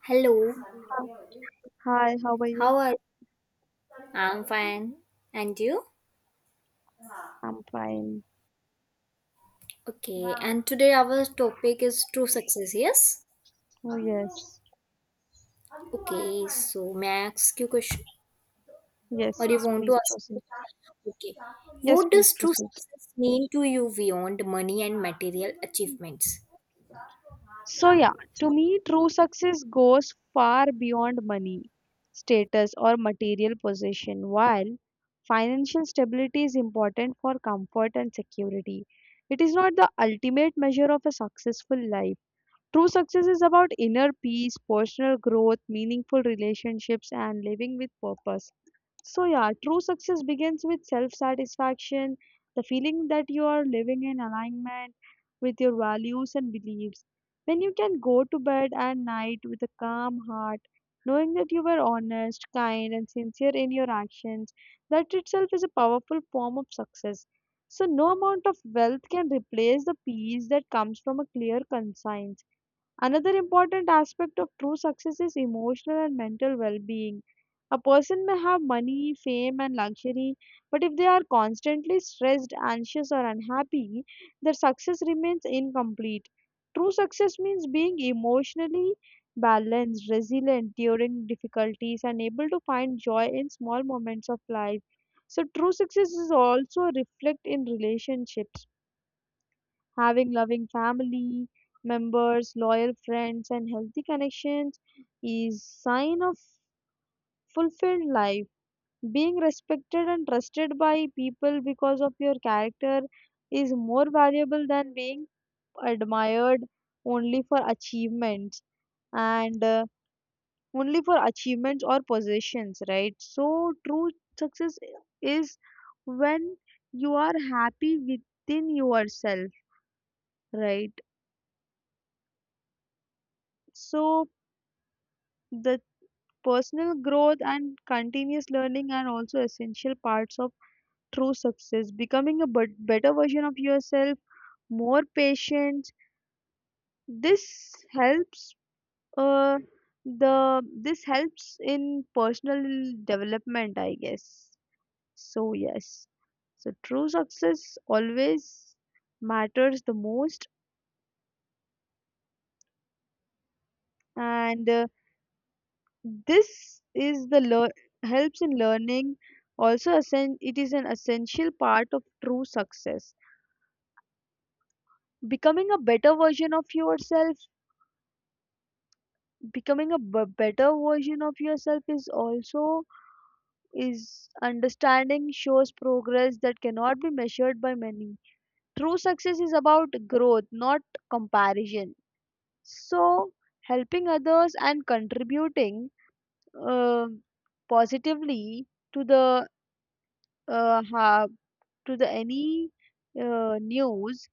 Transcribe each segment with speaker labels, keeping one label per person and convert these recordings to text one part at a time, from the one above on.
Speaker 1: Hello,
Speaker 2: Uh, Hi, how are you?
Speaker 1: how are you? I'm fine. And you?
Speaker 2: I'm fine.
Speaker 1: Okay, and today our topic is true success, yes?
Speaker 2: Oh, yes.
Speaker 1: Okay, so may I ask you a question?
Speaker 2: Yes,
Speaker 1: Or you
Speaker 2: yes,
Speaker 1: want to
Speaker 2: please
Speaker 1: ask me?
Speaker 2: proceed.
Speaker 1: Okay.
Speaker 2: Yes,
Speaker 1: What
Speaker 2: please
Speaker 1: does true
Speaker 2: proceed.
Speaker 1: success mean to you beyond money and material achievements?
Speaker 2: So, yeah, to me, true success goes far beyond money, status, or material possession. While financial stability is important for comfort and security, it is not the ultimate measure of a successful life. True success is about inner peace, personal growth, meaningful relationships, and living with purpose. So, yeah, true success begins with self satisfaction, the feeling that you are living in alignment with your values and beliefs. When you can go to bed at night with a calm heart, knowing that you were honest, kind, and sincere in your actions, that itself is a powerful form of success. So, no amount of wealth can replace the peace that comes from a clear conscience. Another important aspect of true success is emotional and mental well being. A person may have money, fame, and luxury, but if they are constantly stressed, anxious, or unhappy, their success remains incomplete. True success means being emotionally balanced, resilient during difficulties, and able to find joy in small moments of life. So, true success is also reflect in relationships. Having loving family members, loyal friends, and healthy connections is sign of fulfilled life. Being respected and trusted by people because of your character is more valuable than being admired only for achievements and only for achievements or possessions, right? So true success is when you are happy within yourself, right? So the personal growth and continuous learning are also essential parts of true success. Becoming a better version of yourself, more patience. This helps. Uh, the This helps in personal development, I guess. So yes, so true success always matters the most, and This is the lear helps in learning. Also, it is an essential part of true success. Becoming a better version of yourself, becoming a better version of yourself is also is understanding shows progress that cannot be measured by many. True success is about growth, not comparison. So, helping others and contributing um positively to the uh, ha- to the any news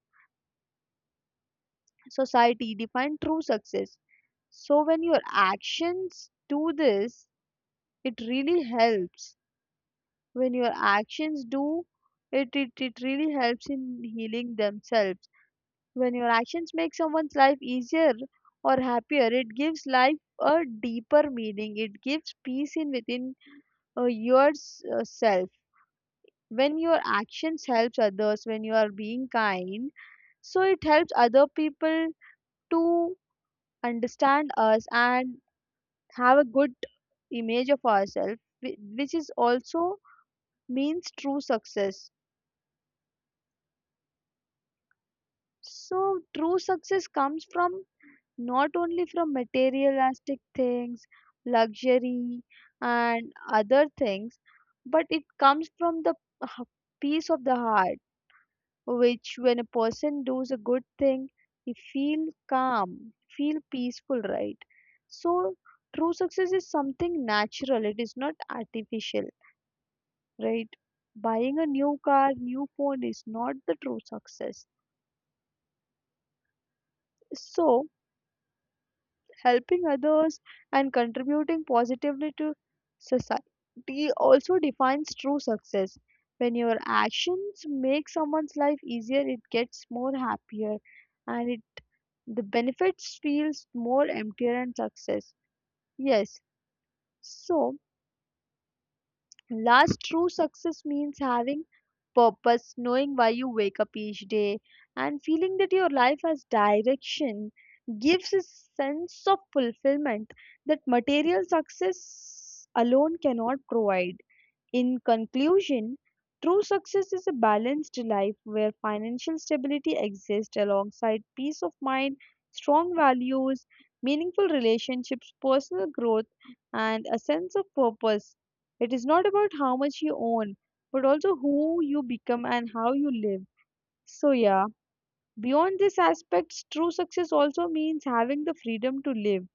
Speaker 2: society define true success, so when your actions do this, it really helps. When your actions do it really helps in healing themselves. When your actions make someone's life easier or happier, it gives life a deeper meaning. It gives peace in within yourself. When your actions helps others, when you are being kind, so it helps other people to understand us and have a good image of ourselves, which is also means true success. So true success comes from not only from materialistic things, luxury and other things, but it comes from the h- peace of the heart, which when a person does a good thing, he feel calm, feel peaceful, right? So true success is something natural, it is not artificial, right? Buying a new car, new phone is not the true success. So helping others and contributing positively to society also defines true success. When your actions make someone's life easier, it gets more happier, and it, the benefits feels more emptier and success, yes. So last, true success means having purpose, knowing why you wake up each day, and feeling that your life has direction gives a sense of fulfillment that material success alone cannot provide. In conclusion, true success is a balanced life where financial stability exists alongside peace of mind, strong values, meaningful relationships, personal growth, and a sense of purpose. It is not about how much you own, but also who you become and how you live. So, yeah, beyond these aspects, true success also means having the freedom to live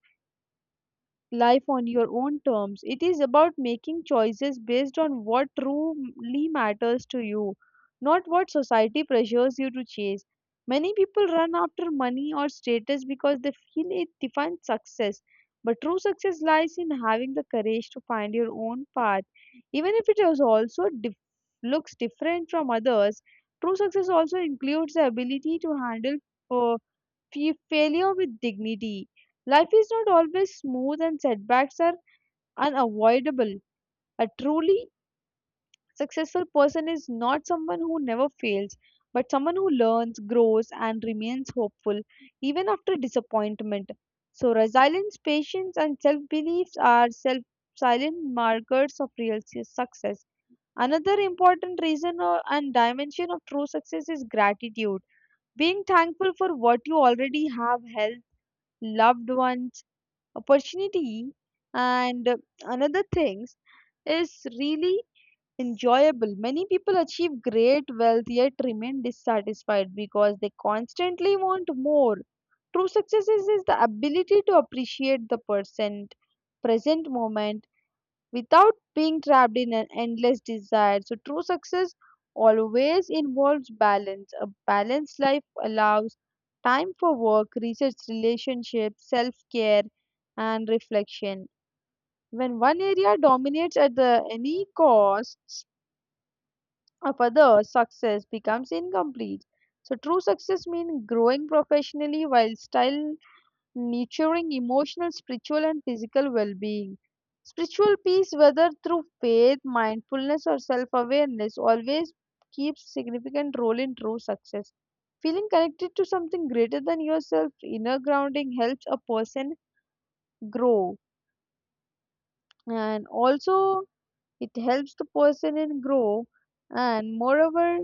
Speaker 2: life on your own terms. It is about making choices based on what truly matters to you, not what society pressures you to chase. Many people run after money or status because they feel it defines success. But true success lies in having the courage to find your own path. Even if it is also looks different from others, true success also includes the ability to handle uh, failure with dignity. Life is not always smooth, and setbacks are unavoidable. A truly successful person is not someone who never fails, but someone who learns, grows, and remains hopeful even after disappointment. So, resilience, patience, and self beliefs are self silent markers of real success. Another important reason or, and dimension of true success is gratitude. Being thankful for what you already have helps loved ones, opportunity, and another things is really enjoyable. Many people achieve great wealth yet remain dissatisfied because they constantly want more. True success is the ability to appreciate the present moment without being trapped in an endless desire. So, true success always involves balance. A balanced life allows time for work, research, relationships, self care, and reflection. When one area dominates at the any cost of others, success becomes incomplete. So, true success means growing professionally while style nurturing emotional, spiritual, and physical well being. Spiritual peace, whether through faith, mindfulness, or self awareness, always keeps significant role in true success. Feeling connected to something greater than yourself, inner grounding helps a person grow, and also it helps the person in grow. And moreover,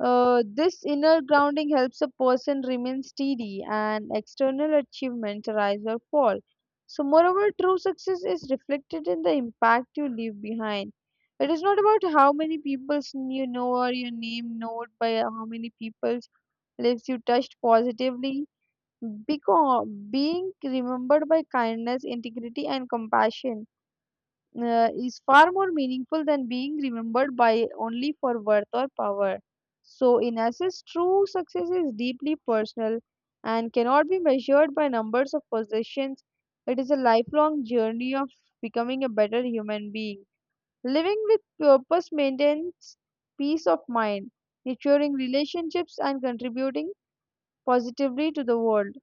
Speaker 2: this inner grounding helps a person remain steady and external achievements rise or fall. So, moreover, true success is reflected in the impact you leave behind. It is not about how many people's or your name known by how many people's lives you touched positively. Because being remembered by kindness, integrity, and compassion is far more meaningful than being remembered by only for worth or power. So, in essence, true success is deeply personal and cannot be measured by numbers of possessions. It is a lifelong journey of becoming a better human being. Living with purpose maintains peace of mind, nurturing relationships, and contributing positively to the world.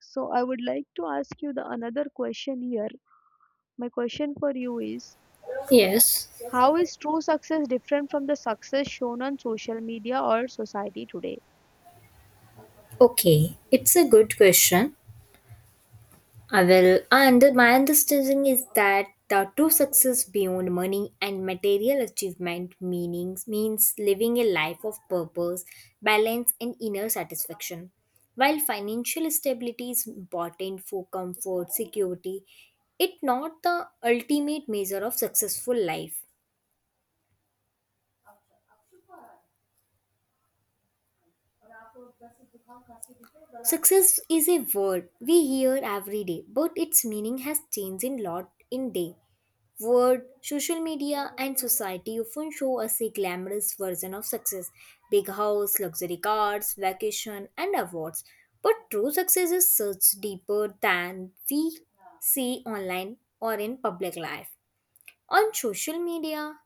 Speaker 2: So, I would like to ask you the another question here. My question for you is,
Speaker 1: Yes.
Speaker 2: how is true success different from the success shown on social media or society today?
Speaker 1: Okay, it's a good question. I will, and my understanding is that the true success beyond money and material achievement meanings means living a life of purpose, balance, and inner satisfaction. While financial stability is important for comfort, security, it not the ultimate measure of successful life. Success is a word we hear every day, but its meaning has changed in lot in day. Word, social media, and society often show us a glamorous version of success: big house, luxury cars, vacation, and awards. But true success is such deeper than we see online or in public life. On social media,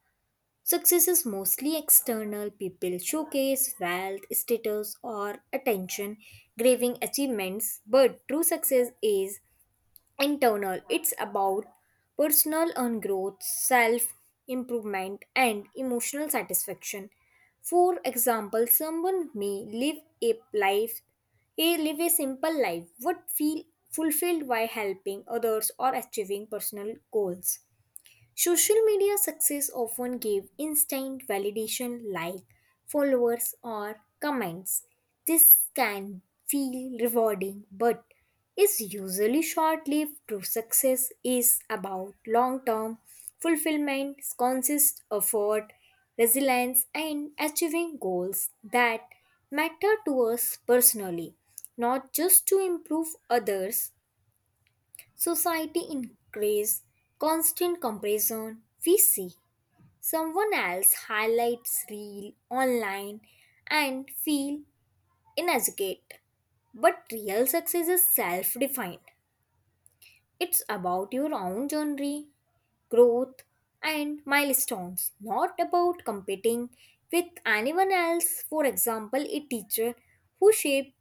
Speaker 1: success is mostly external. People showcase wealth, status, or attention, graving achievements. But true success is internal. It's about personal and growth, self improvement, and emotional satisfaction. For example, someone may live a simple life would feel fulfilled by helping others or achieving personal goals. Social media success often gave instant validation like followers or comments. This can feel rewarding but is usually short lived. True success is about long term fulfillment, conscious effort, resilience, and achieving goals that matter to us personally, not just to improve others. Society increase constant comparison we see. Someone else highlights real online and feel inadequate. But real success is self-defined. It's about your own journey, growth, and milestones, not about competing with anyone else. For example, a teacher who shaped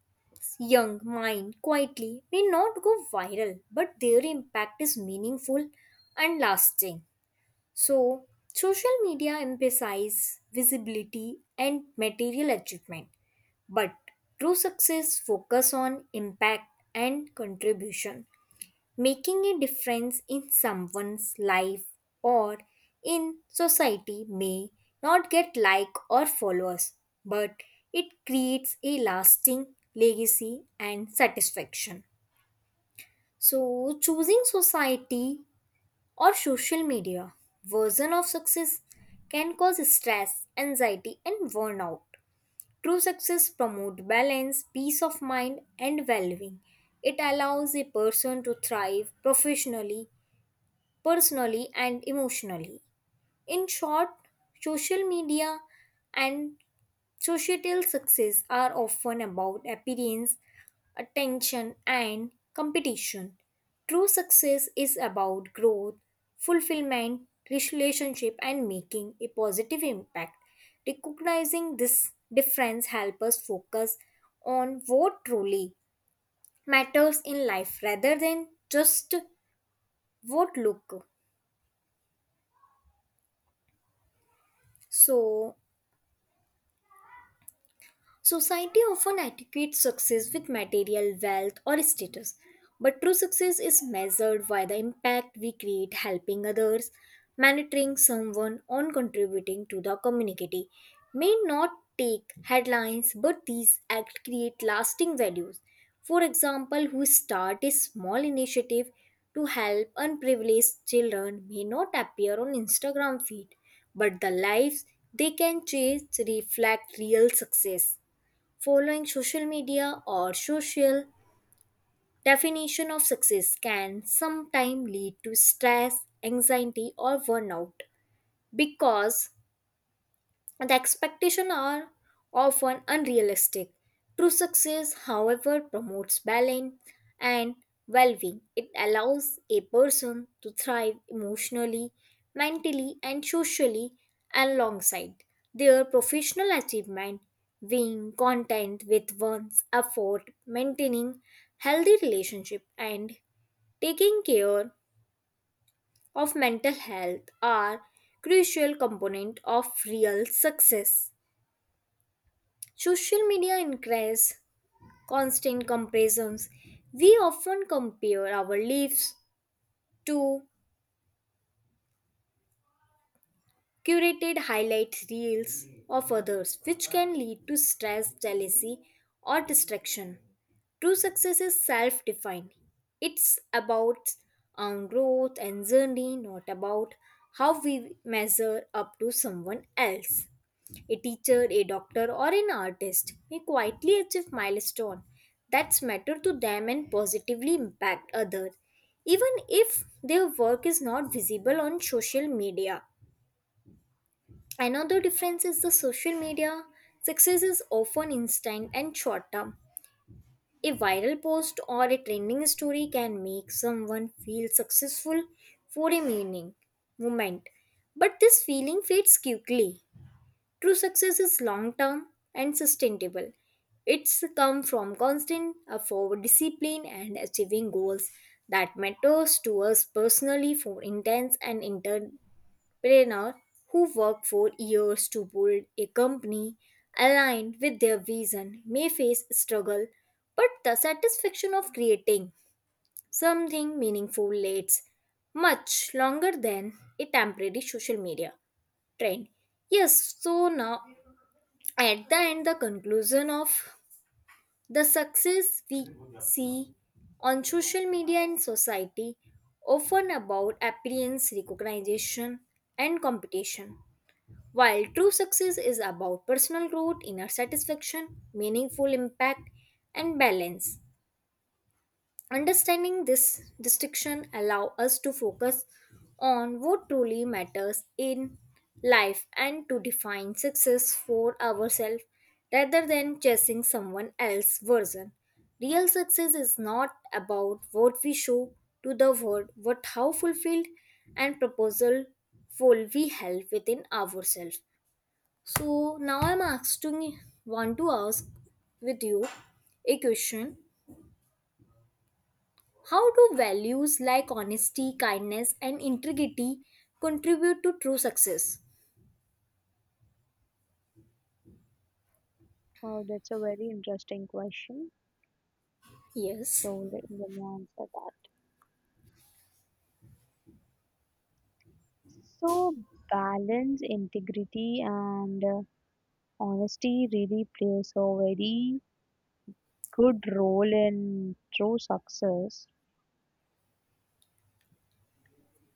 Speaker 1: young mind quietly may not go viral, but their impact is meaningful and lasting. So, social media emphasizes visibility and material achievement, but true success focus on impact and contribution. Making a difference in someone's life or in society may not get like or followers, but it creates a lasting legacy and satisfaction. So, choosing society or social media version of success can cause stress, anxiety, and burnout. True success promotes balance, peace of mind, and well being. It allows a person to thrive professionally, personally, and emotionally. In short, social media and societal success are often about appearance, attention, and competition. True success is about growth, fulfillment, relationship, and making a positive impact. Recognizing this difference helps us focus on what truly matters in life rather than just what look. So, society often attributes success with material wealth or status, but true success is measured by the impact we create: helping others, mentoring someone, or contributing to the community. May not take headlines, but these acts create lasting values. For example, who start a small initiative to help unprivileged children may not appear on Instagram feed, but the lives they can change reflect real success. Following social media or social definition of success can sometimes lead to stress, anxiety, or burnout because the expectations are often unrealistic. True success, however, promotes balance and well being. It allows a person to thrive emotionally, mentally, and socially alongside their professional achievement. Being content with one's effort, maintaining healthy relationship, and taking care of mental health are crucial component of real success. Social media increases constant comparisons. We often compare our lives to curated highlight reels of others, which can lead to stress, jealousy, or distraction. True success is self defined. It's about our growth and journey, not about how we measure up to someone else. A teacher, a doctor, or an artist may quietly achieve milestone that matter to them and positively impact others, even if their work is not visible on social media. Another difference is the social media success is often instant and short term. A viral post or a trending story can make someone feel successful for a meaning moment, but this feeling fades quickly. True success is long term and sustainable. It's come from constant effort, discipline, and achieving goals that matters to us personally. For intense and entrepreneur who work for years to build a company aligned with their vision may face struggle, but the satisfaction of creating something meaningful lasts much longer than a temporary social media trend. Yes, so now at the end the conclusion of the success we see on social media and society often about appearance, recognition, and competition, while true success is about personal growth, inner satisfaction, meaningful impact, and balance. Understanding this distinction allows us to focus on what truly matters in life and to define success for ourselves rather than chasing someone else's version. Real success is not about what we show to the world, but how fulfilled and proposal we held within ourselves. So now I'm asking want to ask with you a question: how do values like honesty, kindness, and integrity contribute to true success?
Speaker 2: Oh, that's a very interesting question.
Speaker 1: Yes,
Speaker 2: So let me answer that. So balance, integrity, and honesty really plays a very good role in true success.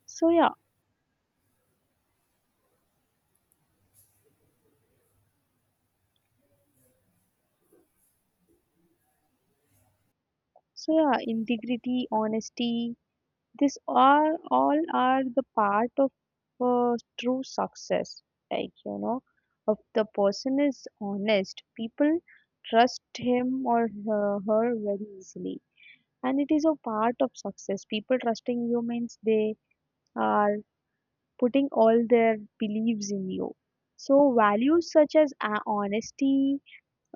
Speaker 2: So yeah, so yeah, integrity, honesty, this are all are the part of true success. Like you know, if the person is honest, people trust him or her very easily, and it is a part of success. People trusting you means they are putting all their beliefs in you. So values such as honesty,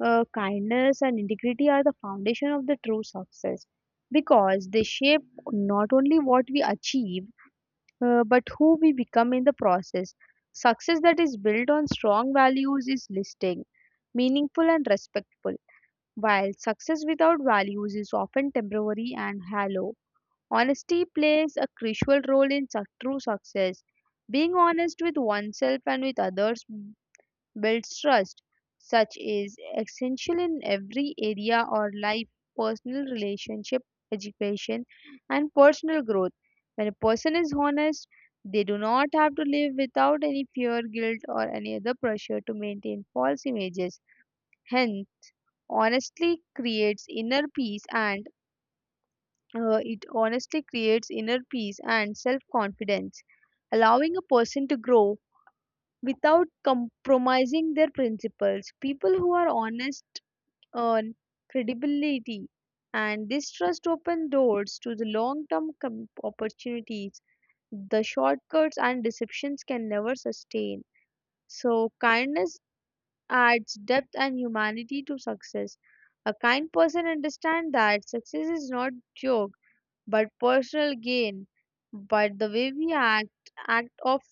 Speaker 2: kindness, and integrity are the foundation of the true success because they shape not only what we achieve but who we become in the process. Success that is built on strong values is lasting, meaningful, and respectful, while success without values is often temporary and hollow. Honesty plays a crucial role in true success. Being honest with oneself and with others builds trust. Such is essential in every area or life, personal relationship, education, and personal growth. When a person is honest, they do not have to live without any fear, guilt, or any other pressure to maintain false images. Hence, honestly creates inner peace and self confidence, allowing a person to grow without compromising their principles. People who are honest earn credibility, and this trust opens doors to the long term opportunities the shortcuts and deceptions can never sustain. So, kindness adds depth and humanity to success. A kind person understands that success is not joke but personal gain, but the way we act, act of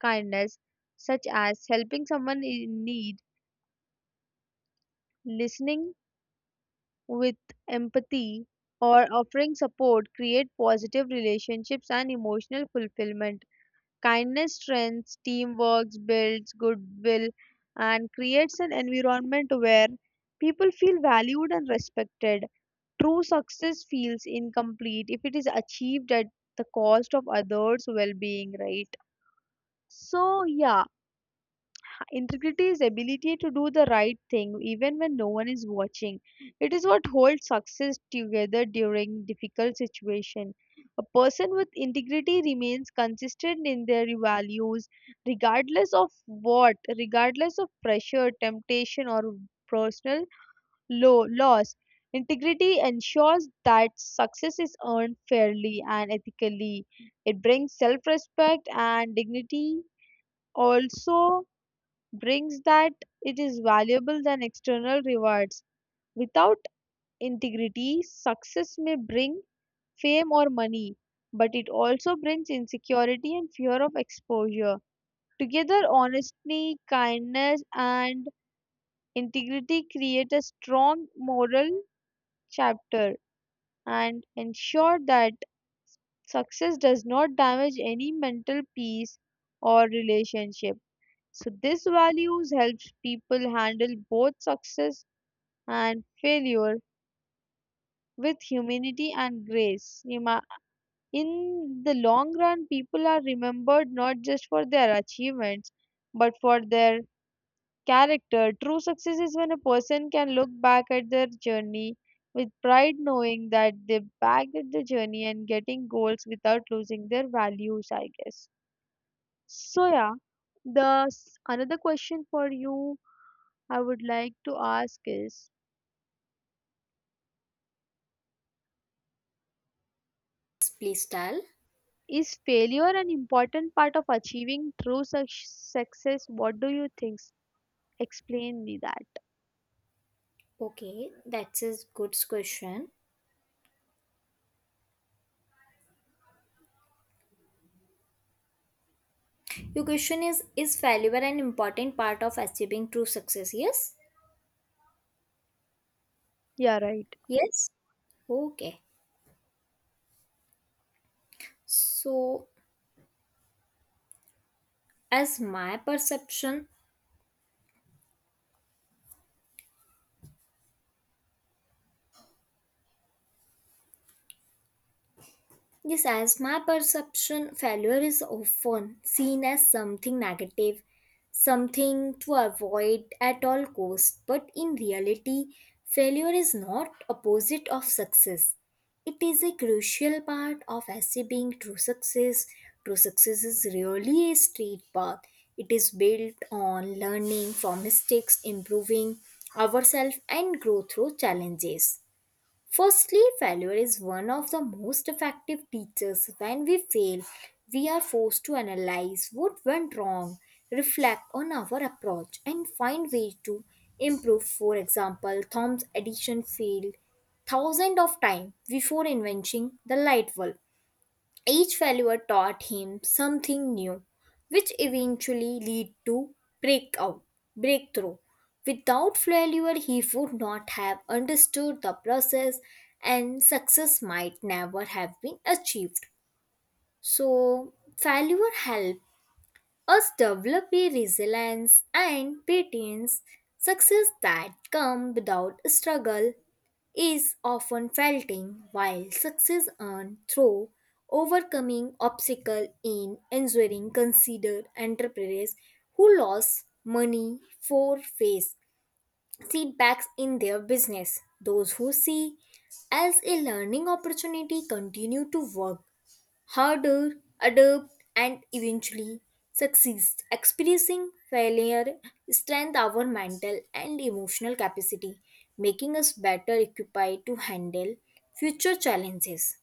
Speaker 2: kindness, such as helping someone in need, listening with empathy, or offering support, create positive relationships and emotional fulfillment. Kindness strengthens teamwork, builds goodwill, and creates an environment where people feel valued and respected. True success feels incomplete if it is achieved at the cost of others' well being, right? So, yeah, integrity is ability to do the right thing even when no one is watching. It is what holds success together during difficult situation. A person with integrity remains consistent in their values regardless of what, regardless of pressure, temptation or personal loss. Integrity ensures that success is earned fairly and ethically. It brings self-respect and dignity, also brings that it is valuable than external rewards. Without integrity, success may bring fame or money, but it also brings insecurity and fear of exposure. Together, honesty, kindness, and integrity create a strong moral chapter and ensure that success does not damage any mental peace or relationship. So, these values helps people handle both success and failure with humanity and grace. In the long run, people are remembered not just for their achievements but for their character. True success is when a person can look back at their journey with pride, knowing that they bagged the journey and getting goals without losing their values, I guess. So, yeah, another question for you I would like to ask is
Speaker 1: please tell.
Speaker 2: Is failure an important part of achieving success? What do you think? Explain me that.
Speaker 1: Okay, that's a good question. Your question is failure an important part of achieving true success? Yes?
Speaker 2: Yeah, right.
Speaker 1: Yes? Okay. So, as my perception, Yes, as my perception, failure is often seen as something negative, something to avoid at all costs. But in reality, failure is not opposite of success. It is a crucial part of achieving true success. True success is really a straight path. It is built on learning from mistakes, improving ourselves, and growth through challenges. Firstly, failure is one of the most effective teachers. When we fail, we are forced to analyze what went wrong, reflect on our approach, and find ways to improve. For example, Thom's addition failed thousands of times before inventing the light bulb. Each failure taught him something new, which eventually led to breakout, breakthrough. Without failure, he would not have understood the process, and success might never have been achieved. So, failure helped us develop a resilience and patience, success that come without struggle is often felting while success earned through overcoming obstacle in ensuring considered entrepreneurs who lost money for face setbacks in their business. Those who see as a learning opportunity continue to work harder, adapt, and eventually succeed. Experiencing failure strengthens our mental and emotional capacity, making us better equipped to handle future challenges.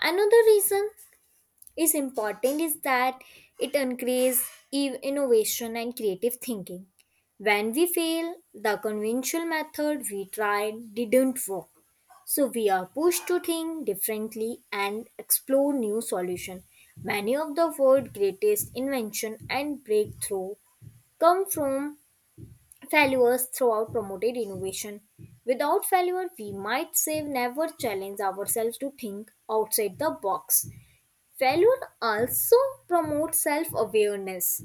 Speaker 1: Another reason is important is that it encourages innovation and creative thinking. When we fail, the conventional method we tried didn't work, so we are pushed to think differently and explore new solutions. Many of the world's greatest invention and breakthrough come from failures throughout promoted innovation. Without failure, we might say never challenge ourselves to think outside the box. Failure also promotes self-awareness.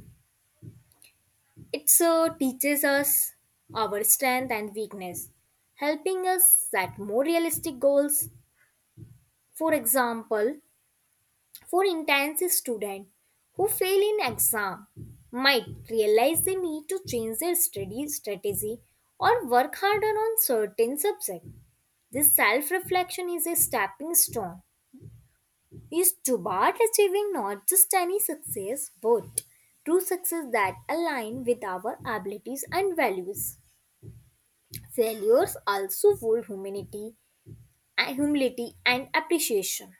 Speaker 1: It teaches us our strength and weakness, helping us set more realistic goals. For example, for intense students who fail in exam might realize they need to change their study strategy or work harder on certain subjects. This self-reflection is a stepping stone is toward achieving not just any success but true success that align with our abilities and values. Failures also hold humility and appreciation.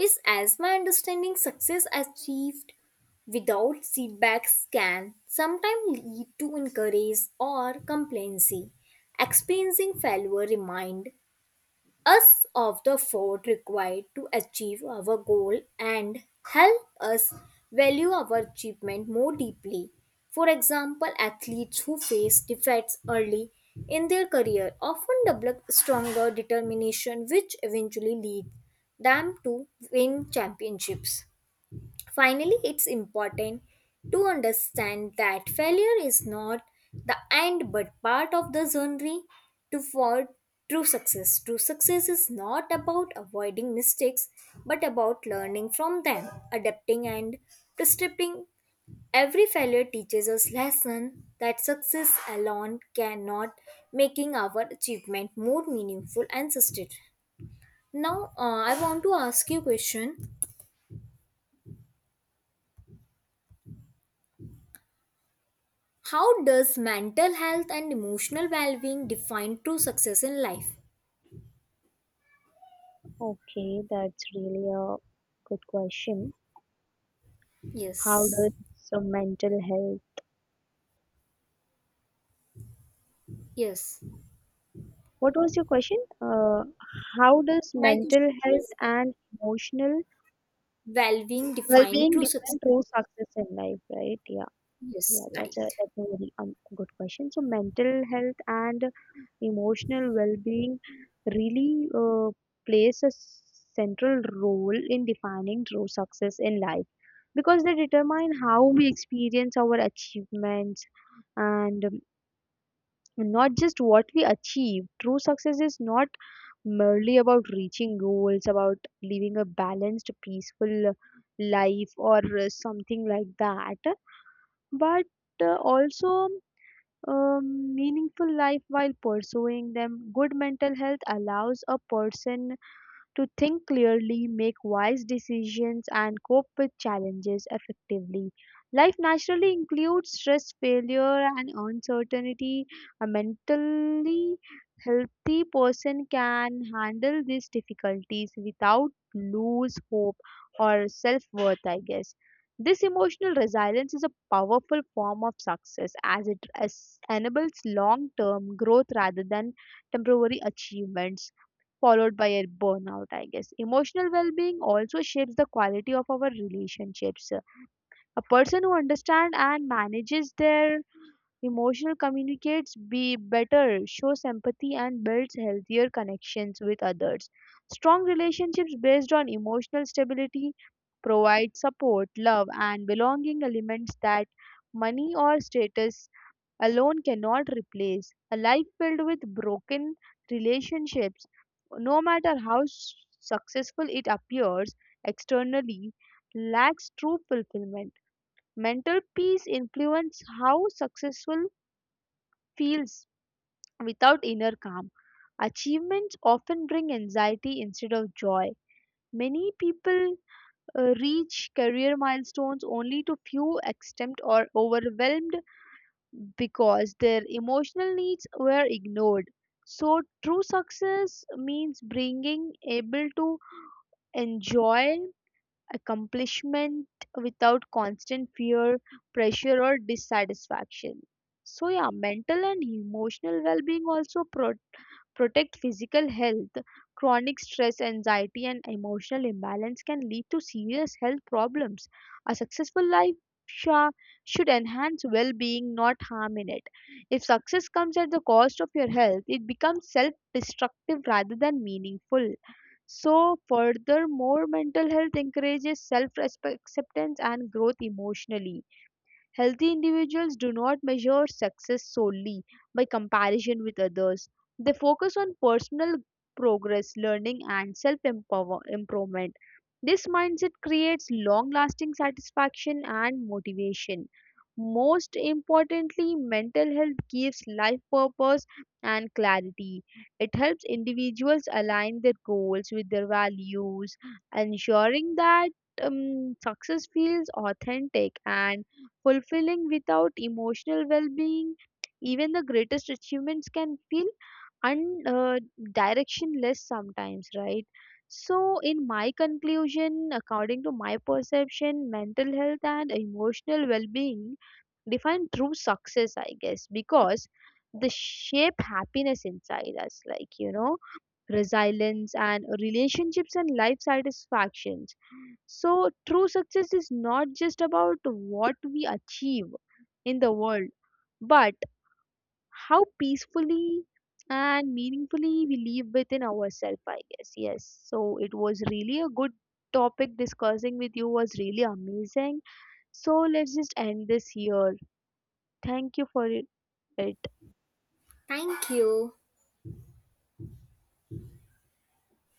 Speaker 1: Is as my understanding success achieved without setbacks can sometimes lead to encourage or complacency. Experiencing failure remind us of the fort required to achieve our goal and help us value our achievement more deeply. For example, athletes who face defeats early in their career often develop stronger determination, which eventually leads them to win championships. Finally, it's important to understand that failure is not the end but part of the journey to for true success. True success is not about avoiding mistakes but about learning from them, adapting, and prescribing. Every failure teaches us lesson that success alone cannot, making our achievement more meaningful and sustainable. Now I want to ask you a question: how does mental health and emotional well-being define true success in life?
Speaker 2: Okay, that's really a good question. How
Speaker 1: Yes.
Speaker 2: does, so, mental health?
Speaker 1: Yes.
Speaker 2: What was your question? How does
Speaker 1: My
Speaker 2: mental
Speaker 1: question
Speaker 2: health
Speaker 1: is
Speaker 2: and emotional
Speaker 1: well-being define
Speaker 2: well-being
Speaker 1: true success.
Speaker 2: define true success in life, right? Yeah. Yeah,
Speaker 1: Yes,
Speaker 2: that's
Speaker 1: right.
Speaker 2: a very good question. So mental health and emotional well-being really plays a central role in defining true success in life because they determine how we experience our achievements and, not just what we achieve. True success is not merely about reaching goals, about living a balanced, peaceful life or something like that, but also meaningful life while pursuing them. Good mental health allows a person to think clearly, make wise decisions, and cope with challenges effectively. Life naturally includes stress, failure, and uncertainty. A mentally healthy person can handle these difficulties without lose hope or self worth, I guess. This emotional resilience is a powerful form of success as it as enables long term growth rather than temporary achievements followed by a burnout, I guess. Emotional well being also shapes the quality of our relationships. A person who understands and manages their emotional communicates be better, shows empathy, and builds healthier connections with others. Strong relationships based on emotional stability provide support, love, and belonging elements that money or status alone cannot replace. A life filled with broken relationships, no matter how successful it appears externally, lacks true fulfillment. Mental peace influences how successful feels without inner calm. Achievements often bring anxiety instead of joy. Many people reach career milestones only to feel extent or overwhelmed because their emotional needs were ignored. So, true success means bringing able to enjoy accomplishment without constant fear, pressure, or dissatisfaction. So, yeah, mental and emotional well being also protect physical health. Chronic stress, anxiety, and emotional imbalance can lead to serious health problems. A successful life sha- should enhance well being, not harm in it. If success comes at the cost of your health, it becomes self destructive rather than meaningful. So, furthermore, mental health encourages self acceptance and growth emotionally. Healthy individuals do not measure success solely by comparison with others. They focus on personal progress, learning, and self improvement. This mindset creates long lasting satisfaction and motivation. Most importantly, mental health gives life purpose and clarity. It helps individuals align their goals with their values, ensuring that success feels authentic and fulfilling. Without emotional well-being, even the greatest achievements can feel un- uh, directionless sometimes, right? So in my conclusion, according to my perception, mental health and emotional well-being define true success, I guess, because they shape happiness inside us, like, resilience and relationships and life satisfactions. So, true success is not just about what we achieve in the world, but how peacefully and meaningfully we live within ourselves, I guess. Yes. So, it was really a good topic discussing with you, was really amazing. So, let's just end this here. Thank you for it.
Speaker 1: Thank you.